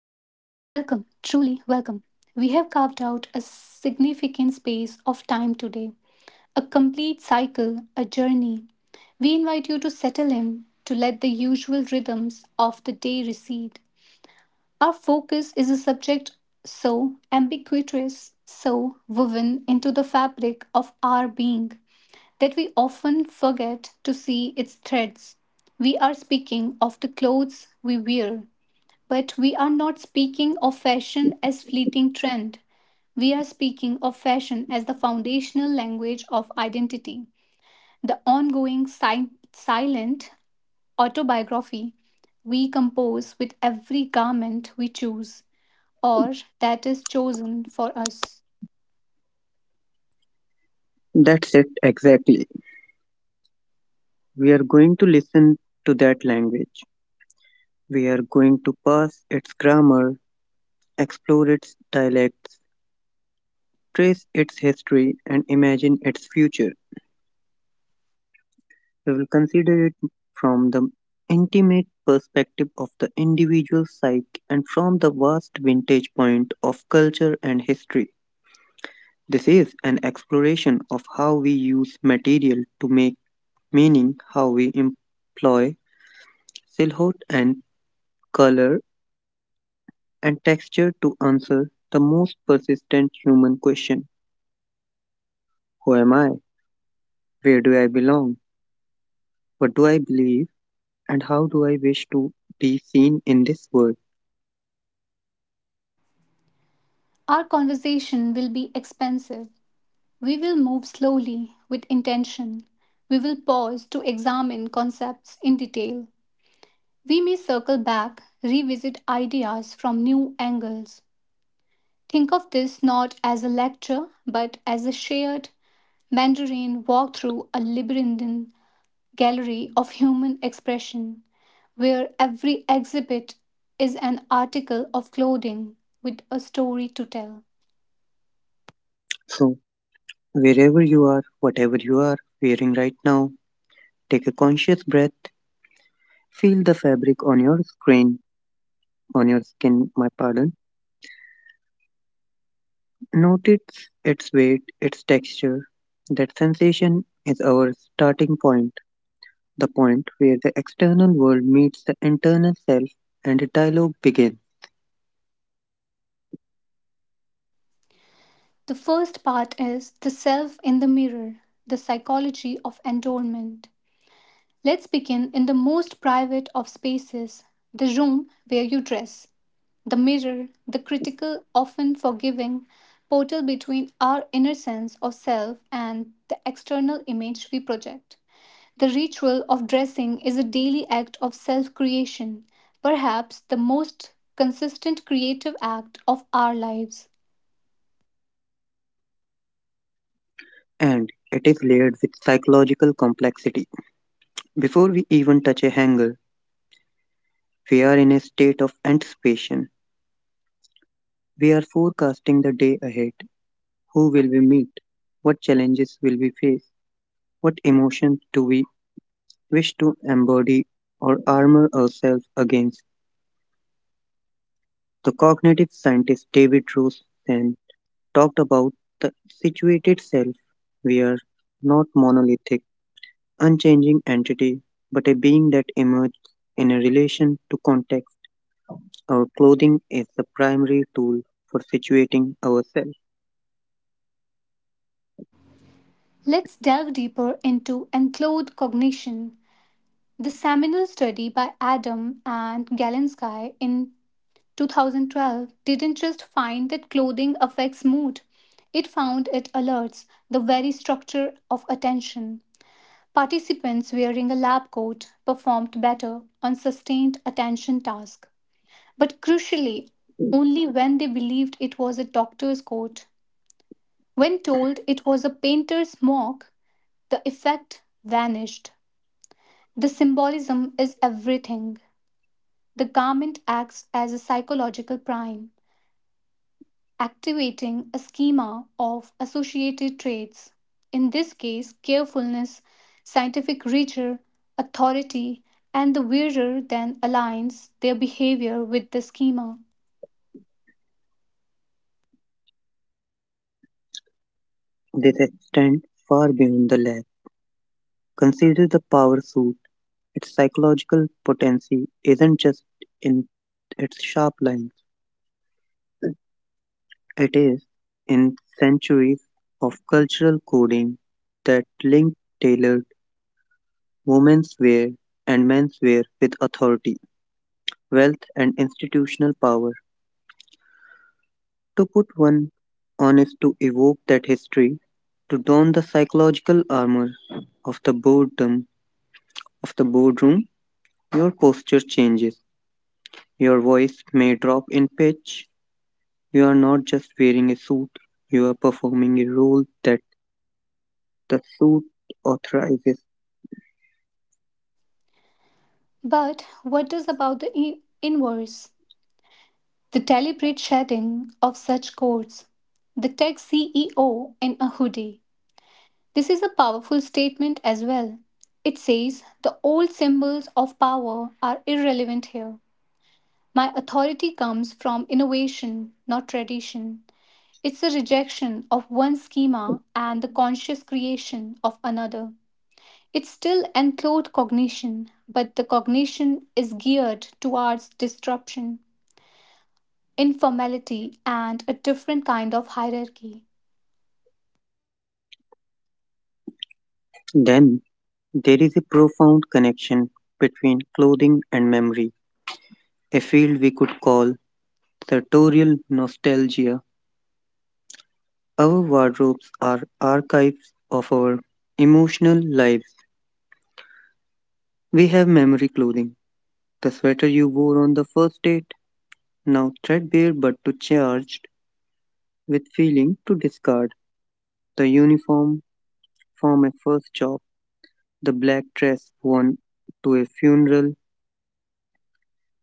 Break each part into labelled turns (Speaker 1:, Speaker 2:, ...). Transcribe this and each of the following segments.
Speaker 1: Welcome, truly welcome. We have carved out a significant space of time today, a complete cycle, a journey. We invite you to settle in, to let the usual rhythms of the day recede. Our focus is a subject so ambiguous, so woven into the fabric of our being that we often forget to see its threads. We are speaking of the clothes we wear, but we are not speaking of fashion as fleeting trend. We are speaking of fashion as the foundational language of identity, the ongoing silent autobiography we compose with every garment we choose or that is chosen for us.
Speaker 2: That's it exactly. We are going to listen to that language. We are going to pass its grammar, explore its dialects, trace its history, and imagine its future. We will consider it from the intimate perspective of the individual psyche and from the vast vintage point of culture and history. This is an exploration of how we use material to make meaning, how we employ silhouette and color and texture to answer the most persistent human question. Who am I? Where do I belong? What do I believe? And how do I wish to be seen in this world?
Speaker 1: Our conversation will be expansive. We will move slowly with intention. We will pause to examine concepts in detail. We may circle back, revisit ideas from new angles. Think of this not as a lecture, but as a shared Mandarin walk through a labyrinthine gallery of human expression, where every exhibit is an article of clothing with a story to tell.
Speaker 2: So, wherever you are, whatever you are wearing right now, take a conscious breath, feel the fabric on your skin, my pardon. Notice its weight, its texture. That sensation is our starting point, the point where the external world meets the internal self and a dialogue begins,
Speaker 1: The first part is the self in the mirror, the psychology of adornment. Let's begin in the most private of spaces, the room where you dress, the mirror, the critical, often forgiving portal between our inner sense of self and the external image we project. The ritual of dressing is a daily act of self creation, perhaps the most consistent creative act of our lives.
Speaker 2: and it is layered with psychological complexity. Before we even touch a hanger, we are in a state of anticipation. We are forecasting the day ahead. Who will we meet? What challenges will we face? What emotions do we wish to embody or armor ourselves against? The cognitive scientist David Rosen talked about the situated self. We are not monolithic unchanging entity, but a being that emerges in a relation to context. Our clothing is the primary tool for situating ourselves.
Speaker 1: Let's delve deeper into enclothed cognition. The seminal study by Adam and Galinsky in 2012 didn't just find that clothing affects mood, it found it alerts the very structure of attention. Participants wearing a lab coat performed better on sustained attention tasks, but crucially, only when they believed it was a doctor's coat. When told it was a painter's smock, the effect vanished. The symbolism is everything. The garment acts as a psychological prime, activating a schema of associated traits, in this case, carefulness, scientific rigor, authority, and the wearer then aligns their behavior with the schema.
Speaker 2: This extends far beyond the lab. Consider the power suit. Its psychological potency isn't just in its sharp lines, it is in centuries of cultural coding that link tailored women's wear and men's wear with authority, wealth, and institutional power. To put one on is to evoke that history, to don the psychological armor of the boredom of the boardroom. Your posture changes. Your voice may drop in pitch. You are not just wearing a suit, you are performing a role that the suit authorizes.
Speaker 1: But what does about the inverse? The deliberate shedding of such codes. The tech CEO in a hoodie. This is a powerful statement as well. It says the old symbols of power are irrelevant here. My authority comes from innovation, not tradition. It's the rejection of one schema and the conscious creation of another. It's still enclosed cognition, but the cognition is geared towards disruption, informality, and a different kind of hierarchy.
Speaker 2: Then there is a profound connection between clothing and memory, a field we could call sartorial nostalgia. Our wardrobes are archives of our emotional lives. We have memory clothing. The sweater you wore on the first date, now threadbare but too charged with feeling to discard. The uniform from a first job, the black dress worn to a funeral.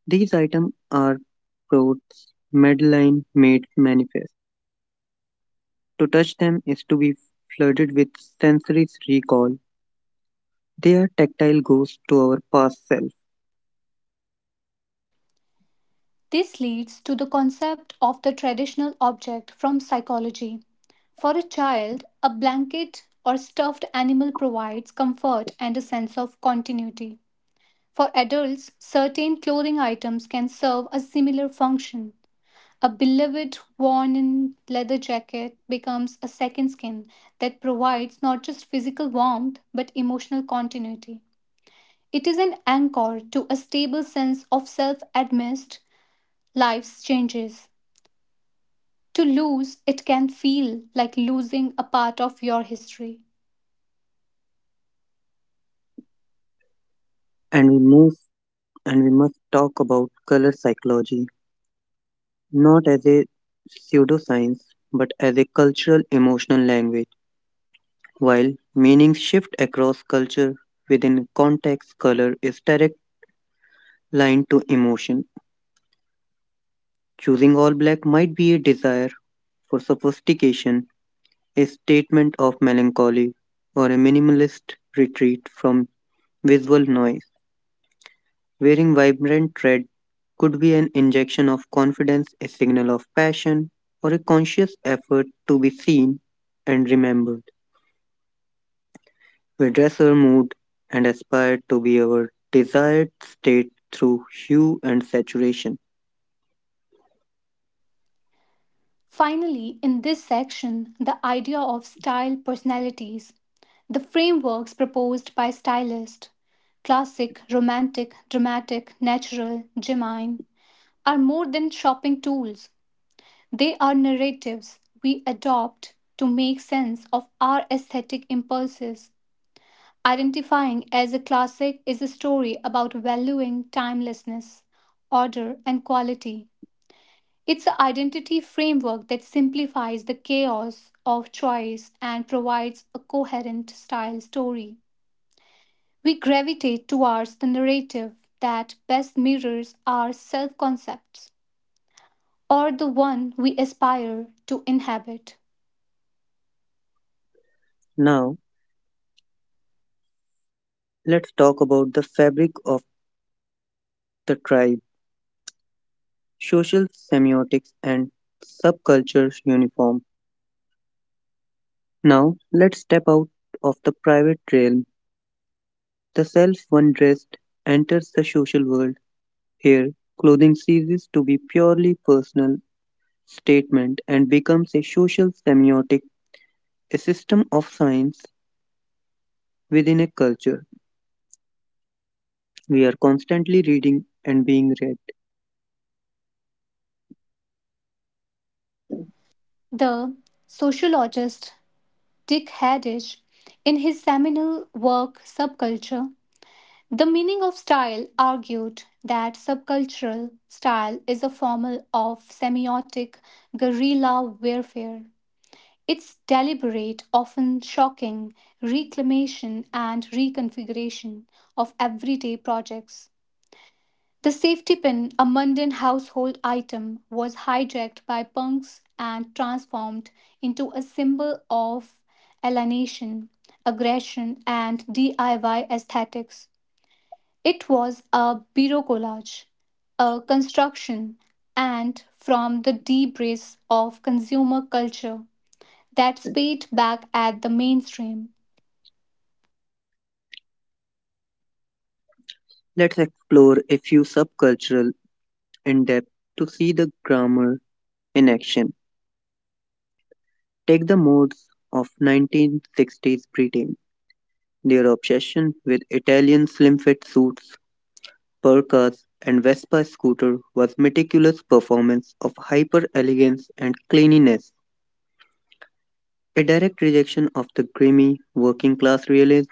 Speaker 2: These items are Prout's Madeline made manifest. To touch them is to be flooded with sensory recall. They are tactile ghosts to our past self.
Speaker 1: This leads to the concept of the traditional object from psychology. For a child, a blanket or stuffed animal provides comfort and a sense of continuity. For adults, certain clothing items can serve a similar function. A beloved worn in leather jacket becomes a second skin that provides not just physical warmth but emotional continuity. It is an anchor to a stable sense of self amidst life's changes. To lose it can feel like losing a part of your history.
Speaker 2: And we must and we must talk about color psychology, not as a pseudoscience, but as a cultural emotional language. While meanings shift across culture within context, color is direct line to emotion. Choosing all black might be a desire for sophistication, a statement of melancholy, or a minimalist retreat from visual noise. Wearing vibrant red could be an injection of confidence, a signal of passion, or a conscious effort to be seen and remembered. We dress our mood and aspire to be our desired state through hue and saturation.
Speaker 1: Finally, in this section, the idea of style personalities, the frameworks proposed by stylists, classic, romantic, dramatic, natural, genuine, are more than shopping tools. They are narratives we adopt to make sense of our aesthetic impulses. Identifying as a classic is a story about valuing timelessness, order, and quality. It's an identity framework that simplifies the chaos of choice and provides a coherent style story. We gravitate towards the narrative that best mirrors our self concepts or the one we aspire to inhabit.
Speaker 2: Now, let's talk about the fabric of the tribe, social semiotics, and subcultures uniform. Now, let's step out of the private realm. The self one dressed enters the social world. Here, clothing ceases to be purely personal statement and becomes a social semiotic, a system of science within a culture. We are constantly reading and being read.
Speaker 1: The sociologist Dick Haddish, in his seminal work Subculture, The meaning of style, argued that subcultural style is a form of semiotic guerrilla warfare. Its deliberate, often shocking, reclamation and reconfiguration of everyday projects. The safety pin, a mundane household item, was hijacked by punks and transformed into a symbol of alienation, aggression, and DIY aesthetics. It was a bureau collage, a construction, and from the debris of consumer culture that spat back at the mainstream,
Speaker 2: Let's explore a few subcultural in depth to see the grammar in action. Take the modes of 1960s Britain, their obsession with Italian slim fit suits, parkas, and Vespa scooter was meticulous performance of hyper elegance and cleanliness, a direct rejection of the grimy working class realism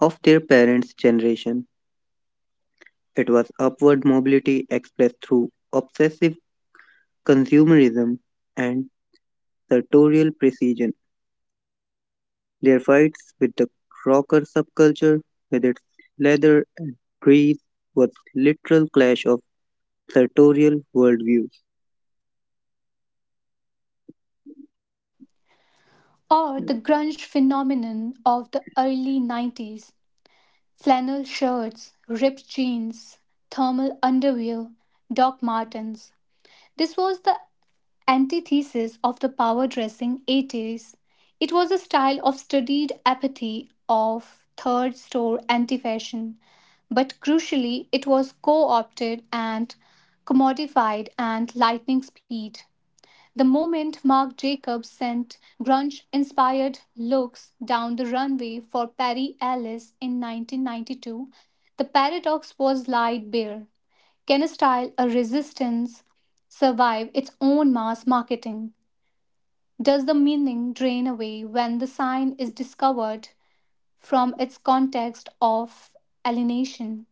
Speaker 2: of their parents' generation. It was upward mobility expressed through obsessive consumerism and sartorial precision. Their fights with the rocker subculture, with its leather and grease, was literal clash of sartorial worldviews.
Speaker 1: or the grunge phenomenon of the early 90s. Flannel shirts, ripped jeans, thermal underwear, Doc Martens. This was the antithesis of the power dressing 80s. It was a style of studied apathy, of third store anti fashion. But crucially, it was co opted and commodified at lightning speed. The moment Marc Jacobs sent grunge inspired looks down the runway for Perry Ellis in 1992, the paradox was laid bare. Can a style, a resistance, survive its own mass marketing? Does the meaning drain away when the sign is discovered from its context of alienation?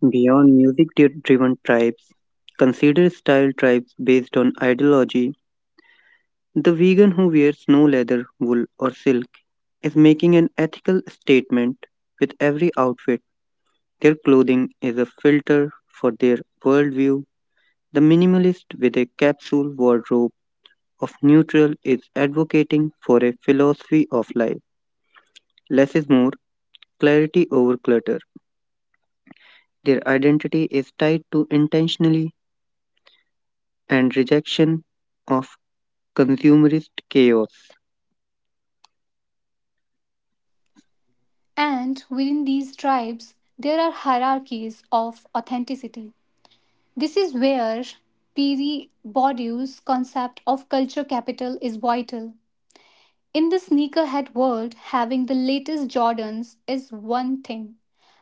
Speaker 2: Beyond music-driven tribes, consider style tribes based on ideology. The vegan who wears no leather, wool, or silk is making an ethical statement with every outfit. Their clothing is a filter for their worldview. The minimalist with a capsule wardrobe of Neutral is advocating for a philosophy of life. Less is more, clarity over clutter. Their identity is tied to intentionally and rejection of consumerist chaos.
Speaker 1: And within these tribes, there are hierarchies of authenticity. This is where Pierre Bourdieu's concept of culture capital is vital. In the sneakerhead world, having the latest Jordans is one thing,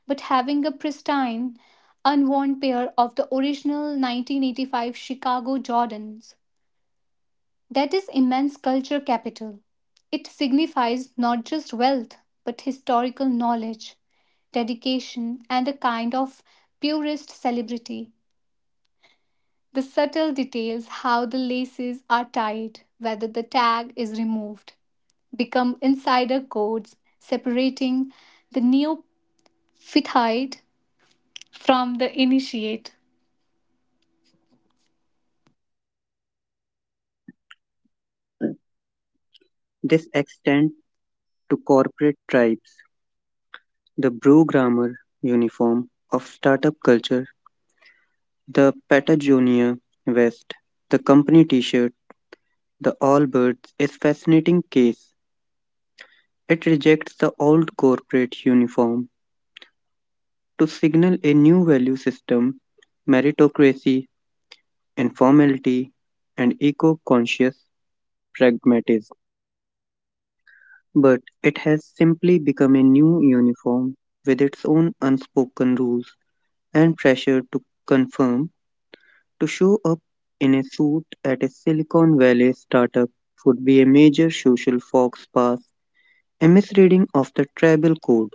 Speaker 1: but having a pristine, unworn pair of the original 1985 Chicago Jordans, that is immense culture capital. It signifies not just wealth, but historical knowledge, dedication, and a kind of purist celebrity. The subtle details, how the laces are tied, whether the tag is removed, become insider codes separating the neophyte from the initiate.
Speaker 2: This extends to corporate tribes, the brew grammar uniform of startup culture, the Patagonia vest, the company t shirt, the all birds is fascinating case. It rejects the old corporate uniform to signal a new value system, meritocracy, informality, and eco conscious pragmatism. But it has simply become a new uniform with its own unspoken rules and pressure to confirm. To show up in a suit at a Silicon Valley startup would be a major social fox pass, a misreading of the tribal code.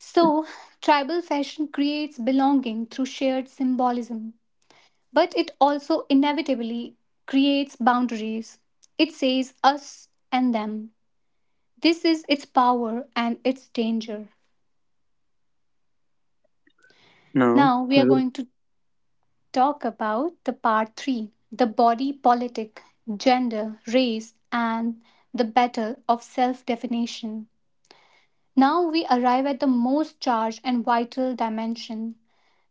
Speaker 1: So, tribal fashion creates belonging through shared symbolism. But it also inevitably creates boundaries. It says us and them. This is its power and its danger.
Speaker 2: Now,
Speaker 1: Now we
Speaker 2: we
Speaker 1: are
Speaker 2: will-
Speaker 1: going to talk about the part 3, the body politic, gender, race, and the battle of self definition. Now we arrive at the most charged and vital dimension.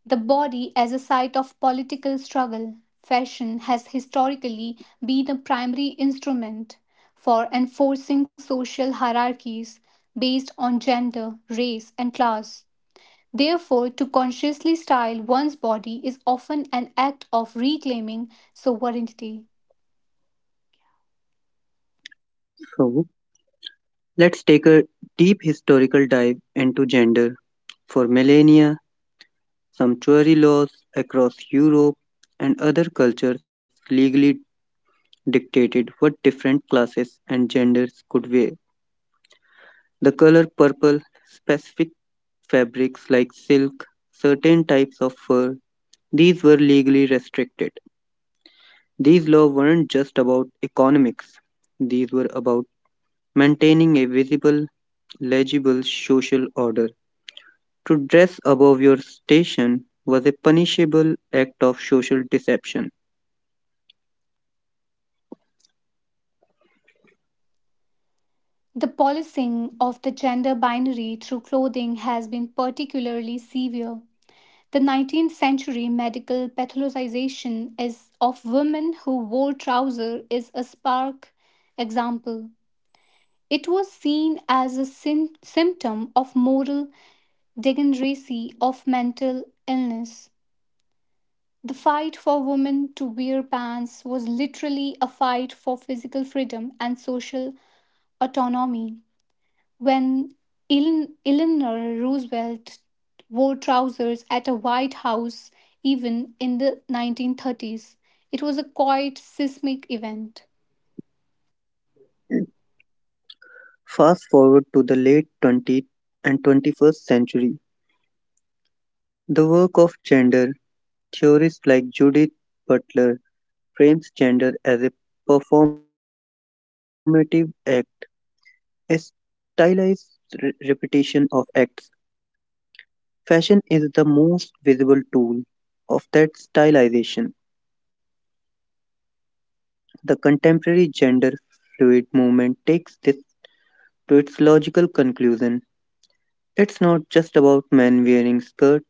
Speaker 1: The body as a site of political struggle, fashion has historically been a primary instrument for enforcing social hierarchies based on gender, race, and class. Therefore, to consciously style one's body is often an act of reclaiming sovereignty.
Speaker 2: so let's take a deep historical dive into gender. For millennia, sumptuary laws across Europe and other cultures legally dictated what different classes and genders could wear. The color purple, specific fabrics like silk, certain types of fur, these were legally restricted. These laws weren't just about economics, these were about maintaining a visible, legible social order. To dress above your station was a punishable act of social deception.
Speaker 1: The policing of the gender binary through clothing has been particularly severe. The 19th century medical pathologization is of women who wore trousers is a stark example. It was seen as a symptom of moral degeneracy, of mental illness. The fight for women to wear pants was literally a fight for physical freedom and social autonomy. When Eleanor Roosevelt wore trousers at a White House even in the 1930s, it was a quite seismic event.
Speaker 2: Fast forward to the late 20th and 21st century, the work of gender theorists like Judith Butler frames gender as a performative act, a stylized repetition of acts. Fashion is the most visible tool of that stylization. The contemporary gender-fluid movement takes this to its logical conclusion. It's not just about men wearing skirt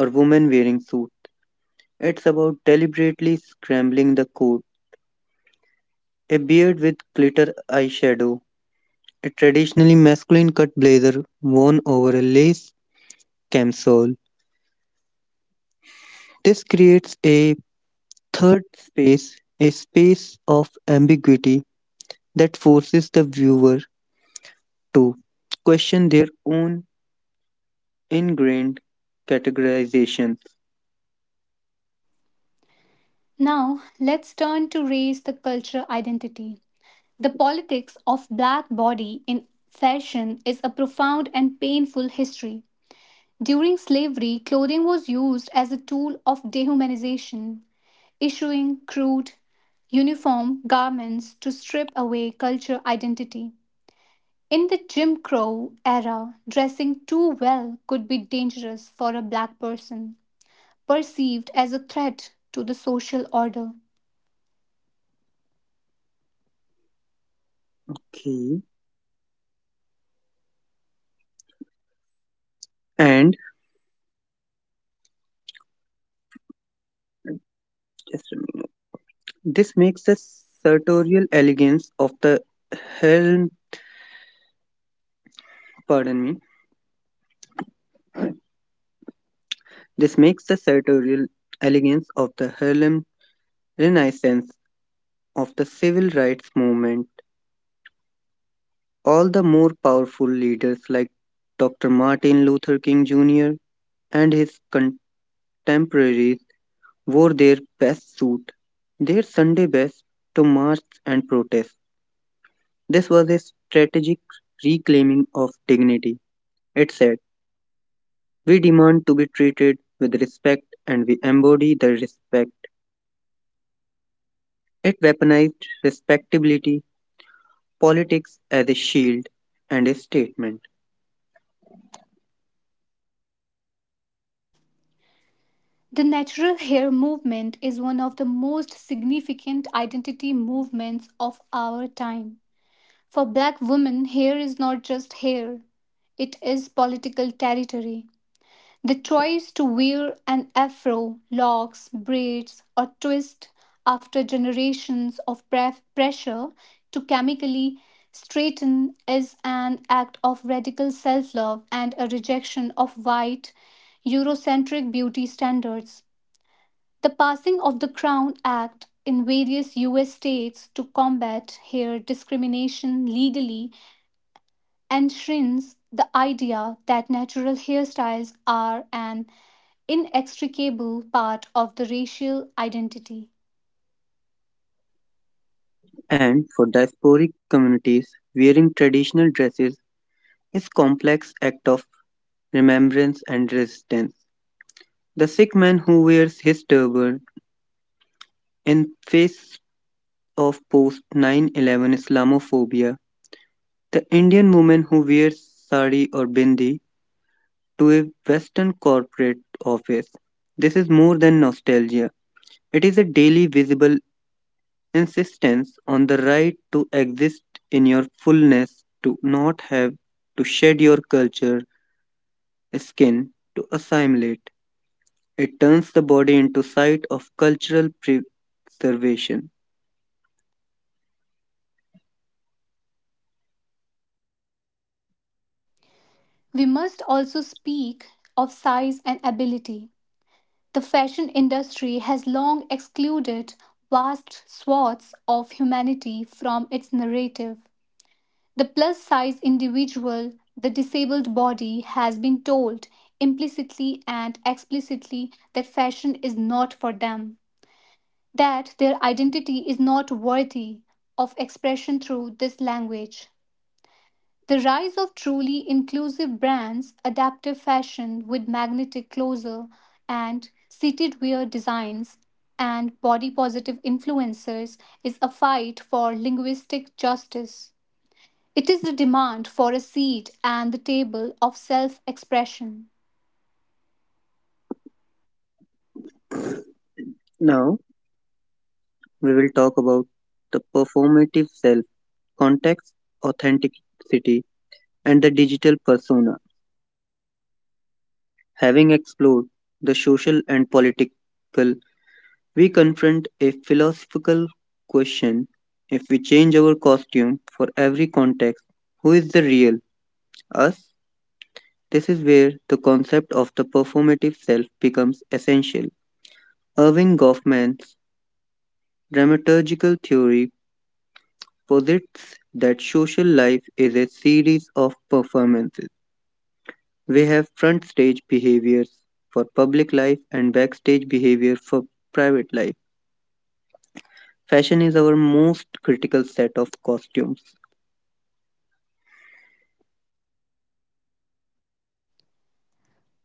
Speaker 2: or women wearing suit. It's about deliberately scrambling the code. A beard with glitter eyeshadow, a traditionally masculine cut blazer worn over a lace camisole. This creates a third space, a space of ambiguity that forces the viewer to question their own ingrained categorization.
Speaker 1: Now, let's turn to race the cultural identity. The politics of black body in fashion is a profound and painful history. During slavery, clothing was used as a tool of dehumanization, issuing crude, uniform garments to strip away cultural identity. In the Jim Crow era, dressing too well could be dangerous for a black person, perceived as a threat to the social order.
Speaker 2: Key and just a minute. This makes the sartorial elegance of the Harlem, pardon me, This makes the sartorial elegance of the Harlem Renaissance of the civil rights movement all the more powerful leaders like Dr. Martin Luther King Jr. and his contemporaries wore their best suit, their Sunday best, to march and protest. This was a strategic reclaiming of dignity. It said, we demand to be treated with respect and we embody the respect. It weaponized respectability, politics as a shield and a statement.
Speaker 1: The natural hair movement is one of the most significant identity movements of our time. For black women, hair is not just hair, it is political territory. The choice to wear an afro, locks, braids, or twist after generations of pressure to chemically straighten is an act of radical self love and a rejection of white, Eurocentric beauty standards. The passing of the Crown Act in various US states to combat hair discrimination legally enshrines the idea that natural hairstyles are an inextricable part of the racial identity.
Speaker 2: And for diasporic communities, wearing traditional dresses is a complex act of remembrance and resistance. The Sikh man who wears his turban in face of post 9/11 Islamophobia. The Indian woman who wears sari or bindi to a Western corporate office. This is more than nostalgia. It is a daily visible insistence on the right to exist in your fullness, to not have to shed your culture, skin, to assimilate. It turns the body into site of cultural preservation.
Speaker 1: We must also speak of size and ability. The fashion industry has long excluded vast swaths of humanity from its narrative. The plus size individual, the disabled body, has been told implicitly and explicitly that fashion is not for them, that their identity is not worthy of expression through this language. The rise of truly inclusive brands, adaptive fashion with magnetic closer and seated wear designs, and body positive influencers is a fight for linguistic justice. It is the demand for a seat and the table of self expression.
Speaker 2: Now we will talk about the performative self, context, authenticity, and the digital persona. Having explored the social and political, we confront a philosophical question. If we change our costume for every context, who is the real us? This is where the concept of the performative self becomes essential. Irving Goffman's dramaturgical theory posits that social life is a series of performances. We have front stage behaviors for public life and backstage behavior for private life. Fashion is our most critical set of costumes.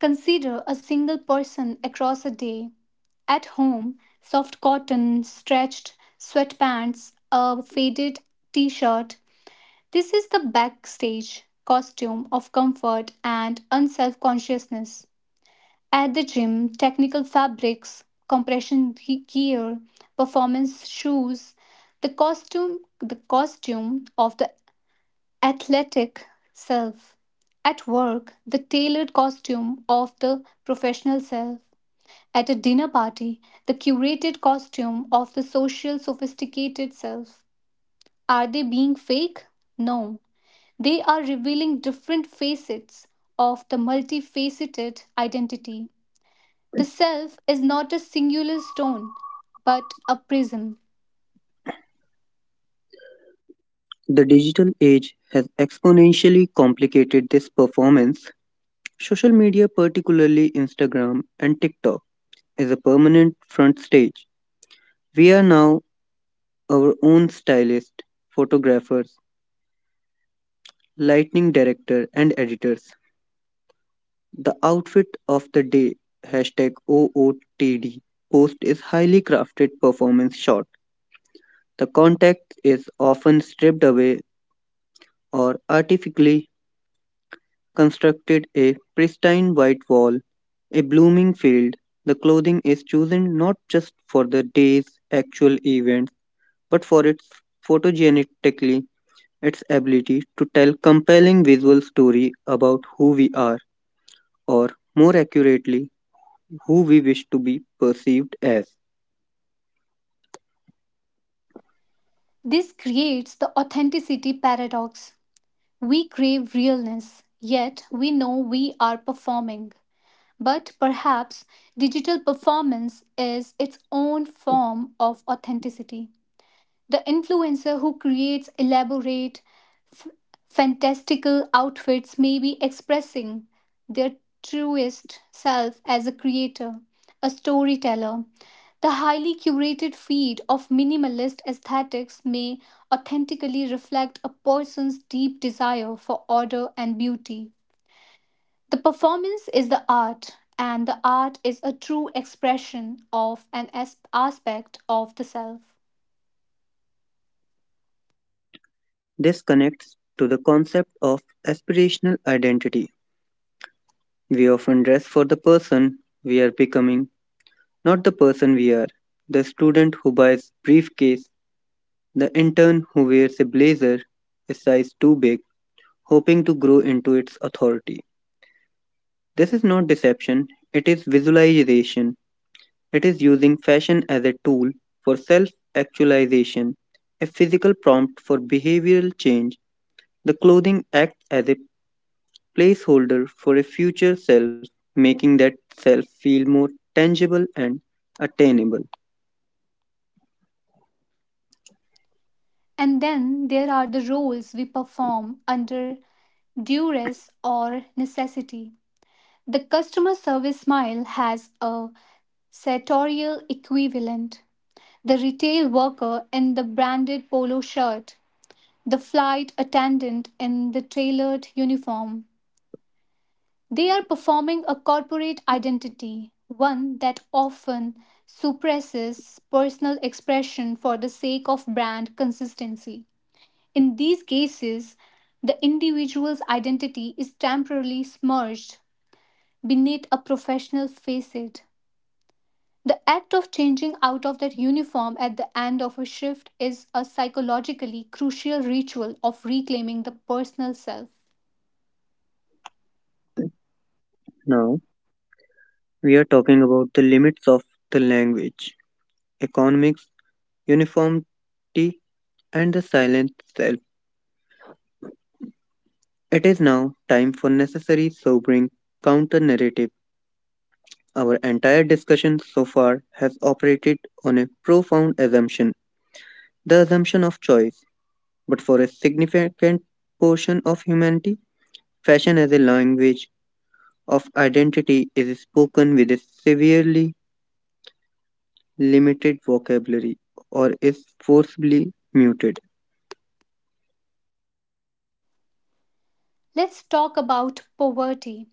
Speaker 1: Consider a single person across a day. At home, soft cotton, stretched sweatpants, a faded t shirt. This is the backstage costume of comfort and unself consciousness. At the gym, technical fabrics, compression gear, performance shoes, the costume of the athletic self. At work, the tailored costume of the professional self. At a dinner party, the curated costume of the social sophisticated self. Are they being fake? No. They are revealing different facets of the multifaceted identity. The self is not a singular stone, but a prism.
Speaker 2: The digital age has exponentially complicated this performance. Social media, particularly Instagram and TikTok, is a permanent front stage. We are now our own stylist, photographers, lightning director, and editors. The outfit of the day, hashtag OOTD, post is highly crafted performance shot. The context is often stripped away or artificially constructed a pristine white wall, a blooming field. The clothing is chosen not just for the day's actual events, but for its photogenetically its ability to tell compelling visual story about who we are, or more accurately, who we wish to be perceived as.
Speaker 1: This creates the authenticity paradox. We crave realness, yet we know we are performing. But perhaps digital performance is its own form of authenticity. The influencer who creates elaborate, f- fantastical outfits may be expressing their truest self as a creator, a storyteller. The highly curated feed of minimalist aesthetics may authentically reflect a person's deep desire for order and beauty. The performance is the art, and the art is a true expression of an aspect of the self.
Speaker 2: This connects to the concept of aspirational identity. We often dress for the person we are becoming, not the person we are, the student who buys briefcase, the intern who wears a blazer a size too big, hoping to grow into its authority. This is not deception, it is visualization. It is using fashion as a tool for self actualization, a physical prompt for behavioral change. The clothing acts as a placeholder for a future self, making that self feel more tangible and attainable.
Speaker 1: And then there are the roles we perform under duress or necessity. The customer service smile has a sartorial equivalent. The retail worker in the branded polo shirt, the flight attendant in the tailored uniform. They are performing a corporate identity, one that often suppresses personal expression for the sake of brand consistency. In these cases, the individual's identity is temporarily submerged beneath a professional facade. The act of changing out of that uniform at the end of a shift is a psychologically crucial ritual of reclaiming the personal self.
Speaker 2: Now, we are talking about the limits of the language, economics, uniformity, and the silent self. It is now time for necessary sobering counter narrative. Our entire discussion so far has operated on a profound assumption, the assumption of choice. But for a significant portion of humanity, fashion as a language of identity is spoken with a severely limited vocabulary or is forcibly muted.
Speaker 1: Let's talk about poverty.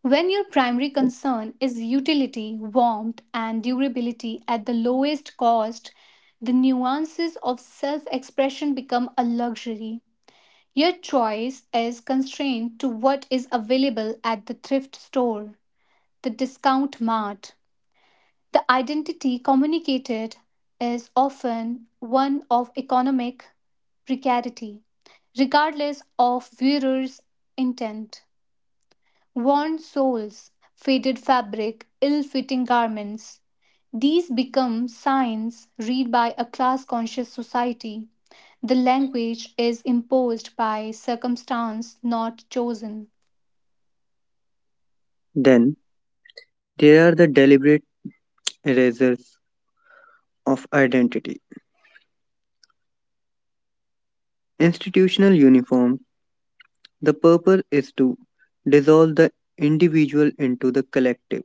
Speaker 1: When your primary concern is utility, warmth, and durability at the lowest cost, the nuances of self expression become a luxury. Your choice is constrained to what is available at the thrift store, the discount mart. The identity communicated is often one of economic precarity, regardless of wearer's intent. Worn soles, faded fabric, ill fitting garments, these become signs read by a class conscious society. The language is imposed by circumstance not chosen,
Speaker 2: Then they are the deliberate erasers of identity. Institutional uniform, the purpose is to dissolve the individual into the collective.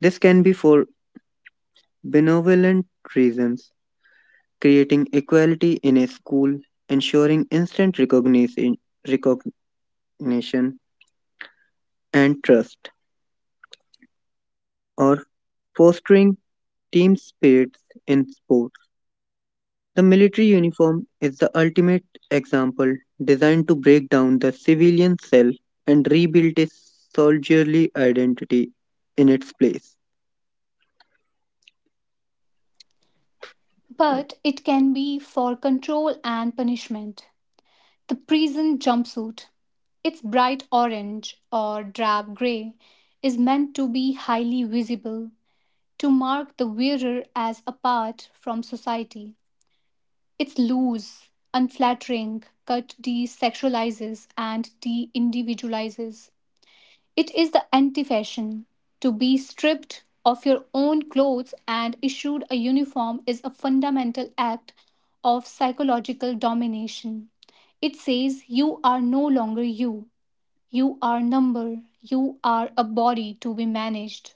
Speaker 2: This can be for benevolent reasons, creating equality in a school, ensuring instant recognition, recognition and trust, or fostering team spirits in sport. The military uniform is the ultimate example, designed to break down the civilian self and rebuild a soldierly identity in its place.
Speaker 1: but it can be for control and punishment. The prison jumpsuit, its bright orange or drab gray, is meant to be highly visible, to mark the wearer as apart from society. Its loose, unflattering cut desexualizes and de individualizes. It is the anti fashion. To be stripped of your own clothes and issued a uniform is a fundamental act of psychological domination. It says you are no longer you, you are number, you are a body to be managed.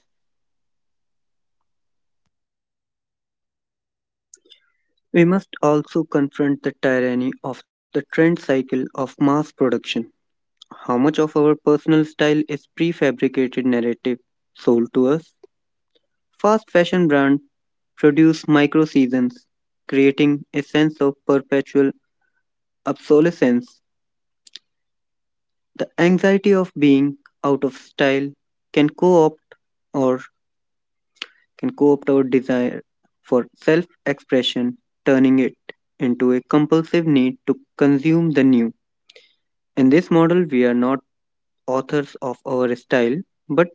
Speaker 2: We must also confront the tyranny of the trend cycle of mass production. How much of our personal style is prefabricated narrative sold to us? Fast fashion brands produce micro seasons, creating a sense of perpetual obsolescence. The anxiety of being out of style can co-opt or can co-opt our desire for self-expression, turning it into a compulsive need to consume the new. In this model, we are not authors of our style, but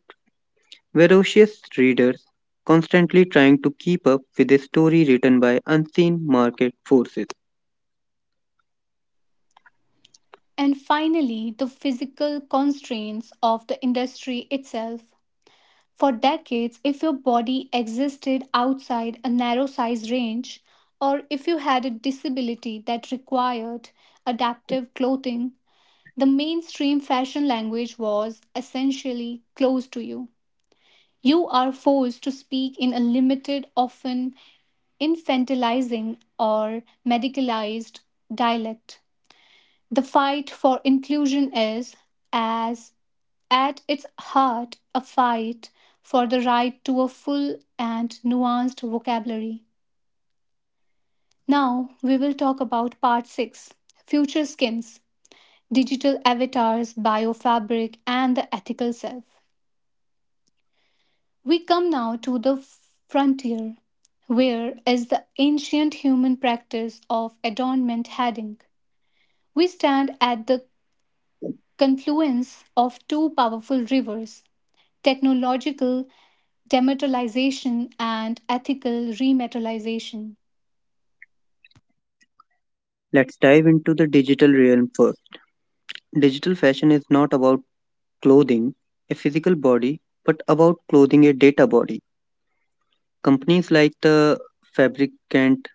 Speaker 2: voracious readers constantly trying to keep up with a story written by unseen market forces.
Speaker 1: And finally, the physical constraints of the industry itself. For decades, if your body existed outside a narrow size range, or if you had a disability that required adaptive clothing, the mainstream fashion language was essentially closed to you. You are forced to speak in a limited, often infantilizing or medicalized dialect. The fight for inclusion is as at its heart, a fight for the right to a full and nuanced vocabulary. Now, we will talk about part 6, future skins, digital avatars, biofabric, and the ethical self. We come now to the frontier, where is the ancient human practice of adornment heading. We stand at the confluence of two powerful rivers, technological demetallization, and ethical remetallization.
Speaker 2: Let's dive into the digital realm first. Digital fashion is not about clothing a physical body, but about clothing a data body. Companies like the Fabricant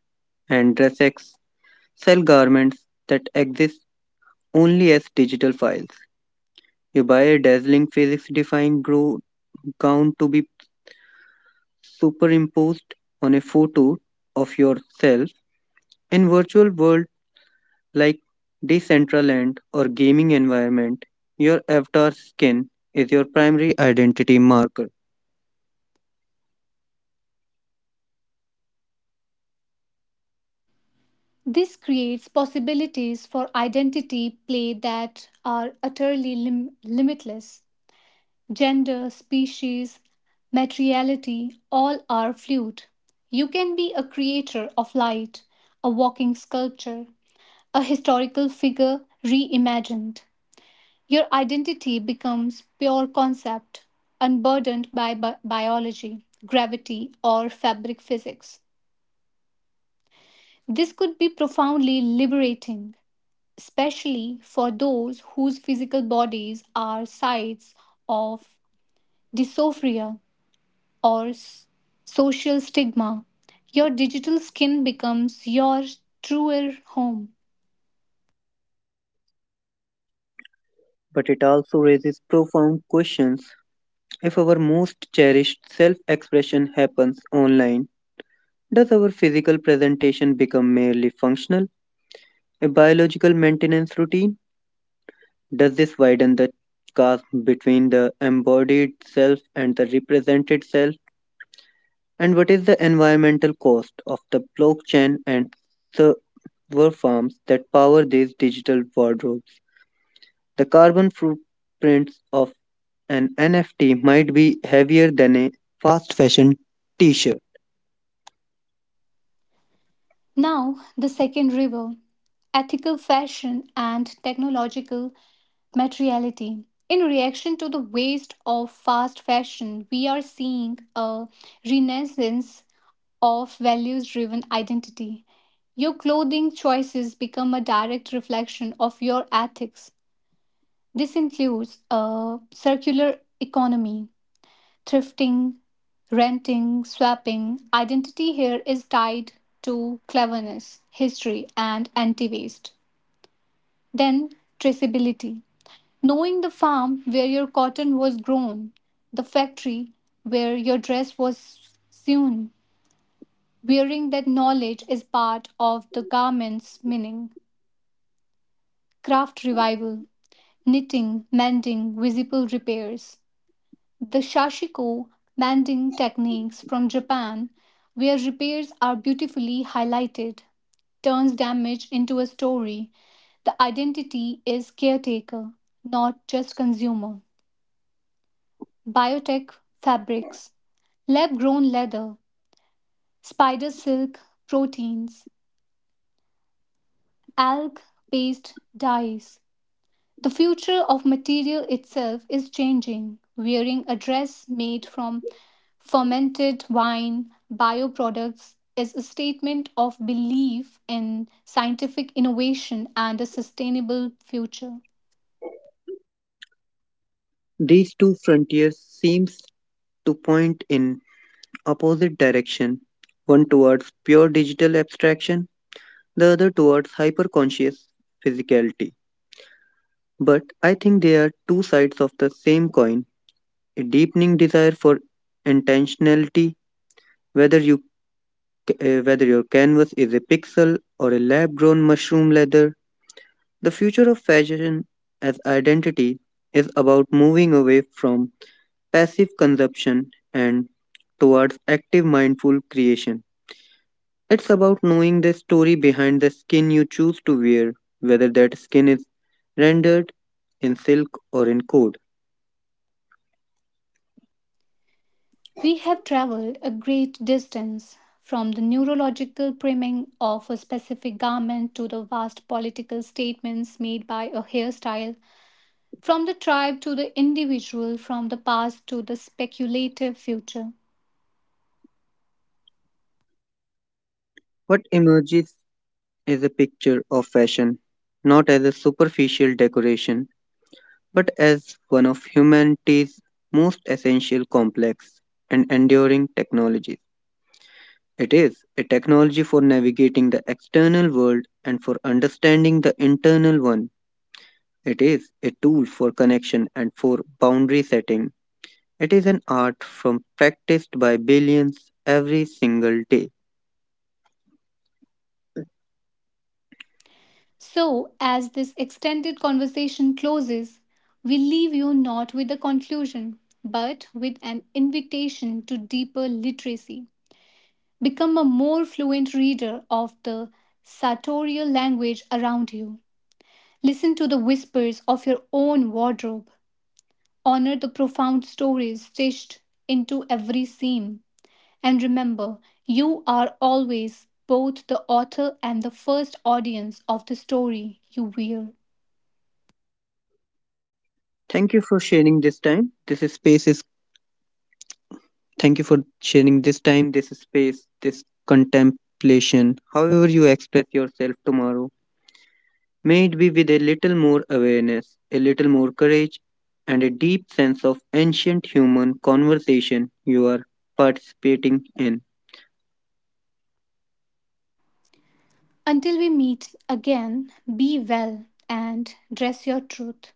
Speaker 2: and DressX sell garments that exist only as digital files. You buy a dazzling physics defying gown to be superimposed on a photo of yourself in virtual world like Decentraland or gaming environment. Your avatar's skin is your primary identity marker,
Speaker 1: This creates possibilities for identity play that are utterly limitless. Gender, species, materiality, all are fluid. You can be a creator of light, a walking sculpture, a historical figure reimagined. Your identity becomes pure concept, unburdened by biology, gravity, or fabric physics. This could be profoundly liberating, especially for those whose physical bodies are sites of dysphoria or social stigma. Your digital skin becomes your truer home.
Speaker 2: but it also raises profound questions. If our most cherished self expression happens online, does our physical presentation become merely functional, a biological maintenance routine? Does this widen the chasm between the embodied self and the represented self? And what is the environmental cost of the blockchain and server farms that power these digital wardrobes? The carbon footprints of an NFT might be heavier than a fast fashion t shirt.
Speaker 1: Now, the second river, ethical fashion and technological materiality. In reaction to the waste of fast fashion, we are seeing a renaissance of values driven identity. Your clothing choices become a direct reflection of your ethics. This includes a circular economy, thrifting, renting, swapping. Identity here is tied to cleverness, history, and anti waste. Then, traceability. Knowing the farm where your cotton was grown, the factory where your dress was sewn, wearing that knowledge is part of the garment's meaning. Craft revival, knitting, mending, visible repairs. The shashiko mending techniques from Japan, where repairs are beautifully highlighted, turns damage into a story. The identity is caretaker, not just consumer. Biotech fabrics, lab grown leather, spider silk proteins, alg based dyes. The future of material itself is changing. Wearing a dress made from fermented wine, bioproducts, is a statement of belief in scientific innovation and a sustainable future.
Speaker 2: These two frontiers seems to point in opposite direction, one towards pure digital abstraction, the other towards hyperconscious physicality. But I think they are two sides of the same coin, a deepening desire for intentionality, whether you whether your canvas is a pixel or a lab-grown mushroom leather. The future of fashion as identity is about moving away from passive consumption and towards active mindful creation. It's about knowing the story behind the skin you choose to wear, whether that skin is rendered in silk or in code.
Speaker 1: We have traveled a great distance from the neurological priming of a specific garment to the vast political statements made by a hairstyle, from the tribe to the individual, from the past to the speculative future.
Speaker 2: What emerges is a picture of fashion, not as a superficial decoration, but as one of humanity's most essential complex and enduring technologies. It is a technology for navigating the external world and for understanding the internal one. It is a tool for connection and for boundary setting. It is an art from practiced by billions every single day.
Speaker 1: So, as this extended conversation closes, we leave you not with a conclusion, but with an invitation to deeper literacy. Become a more fluent reader of the sartorial language around you. Listen to the whispers of your own wardrobe. Honor the profound stories stitched into every seam. And remember, you are always both the author and the first audience of the story you wear.
Speaker 2: Thank you for sharing this time. This is space is Thank you for sharing this time, this space, this contemplation. However you express yourself tomorrow, may it be with a little more awareness, a little more courage, and a deep sense of ancient human conversation you are participating in.
Speaker 1: Until we meet again, be well and dress your truth.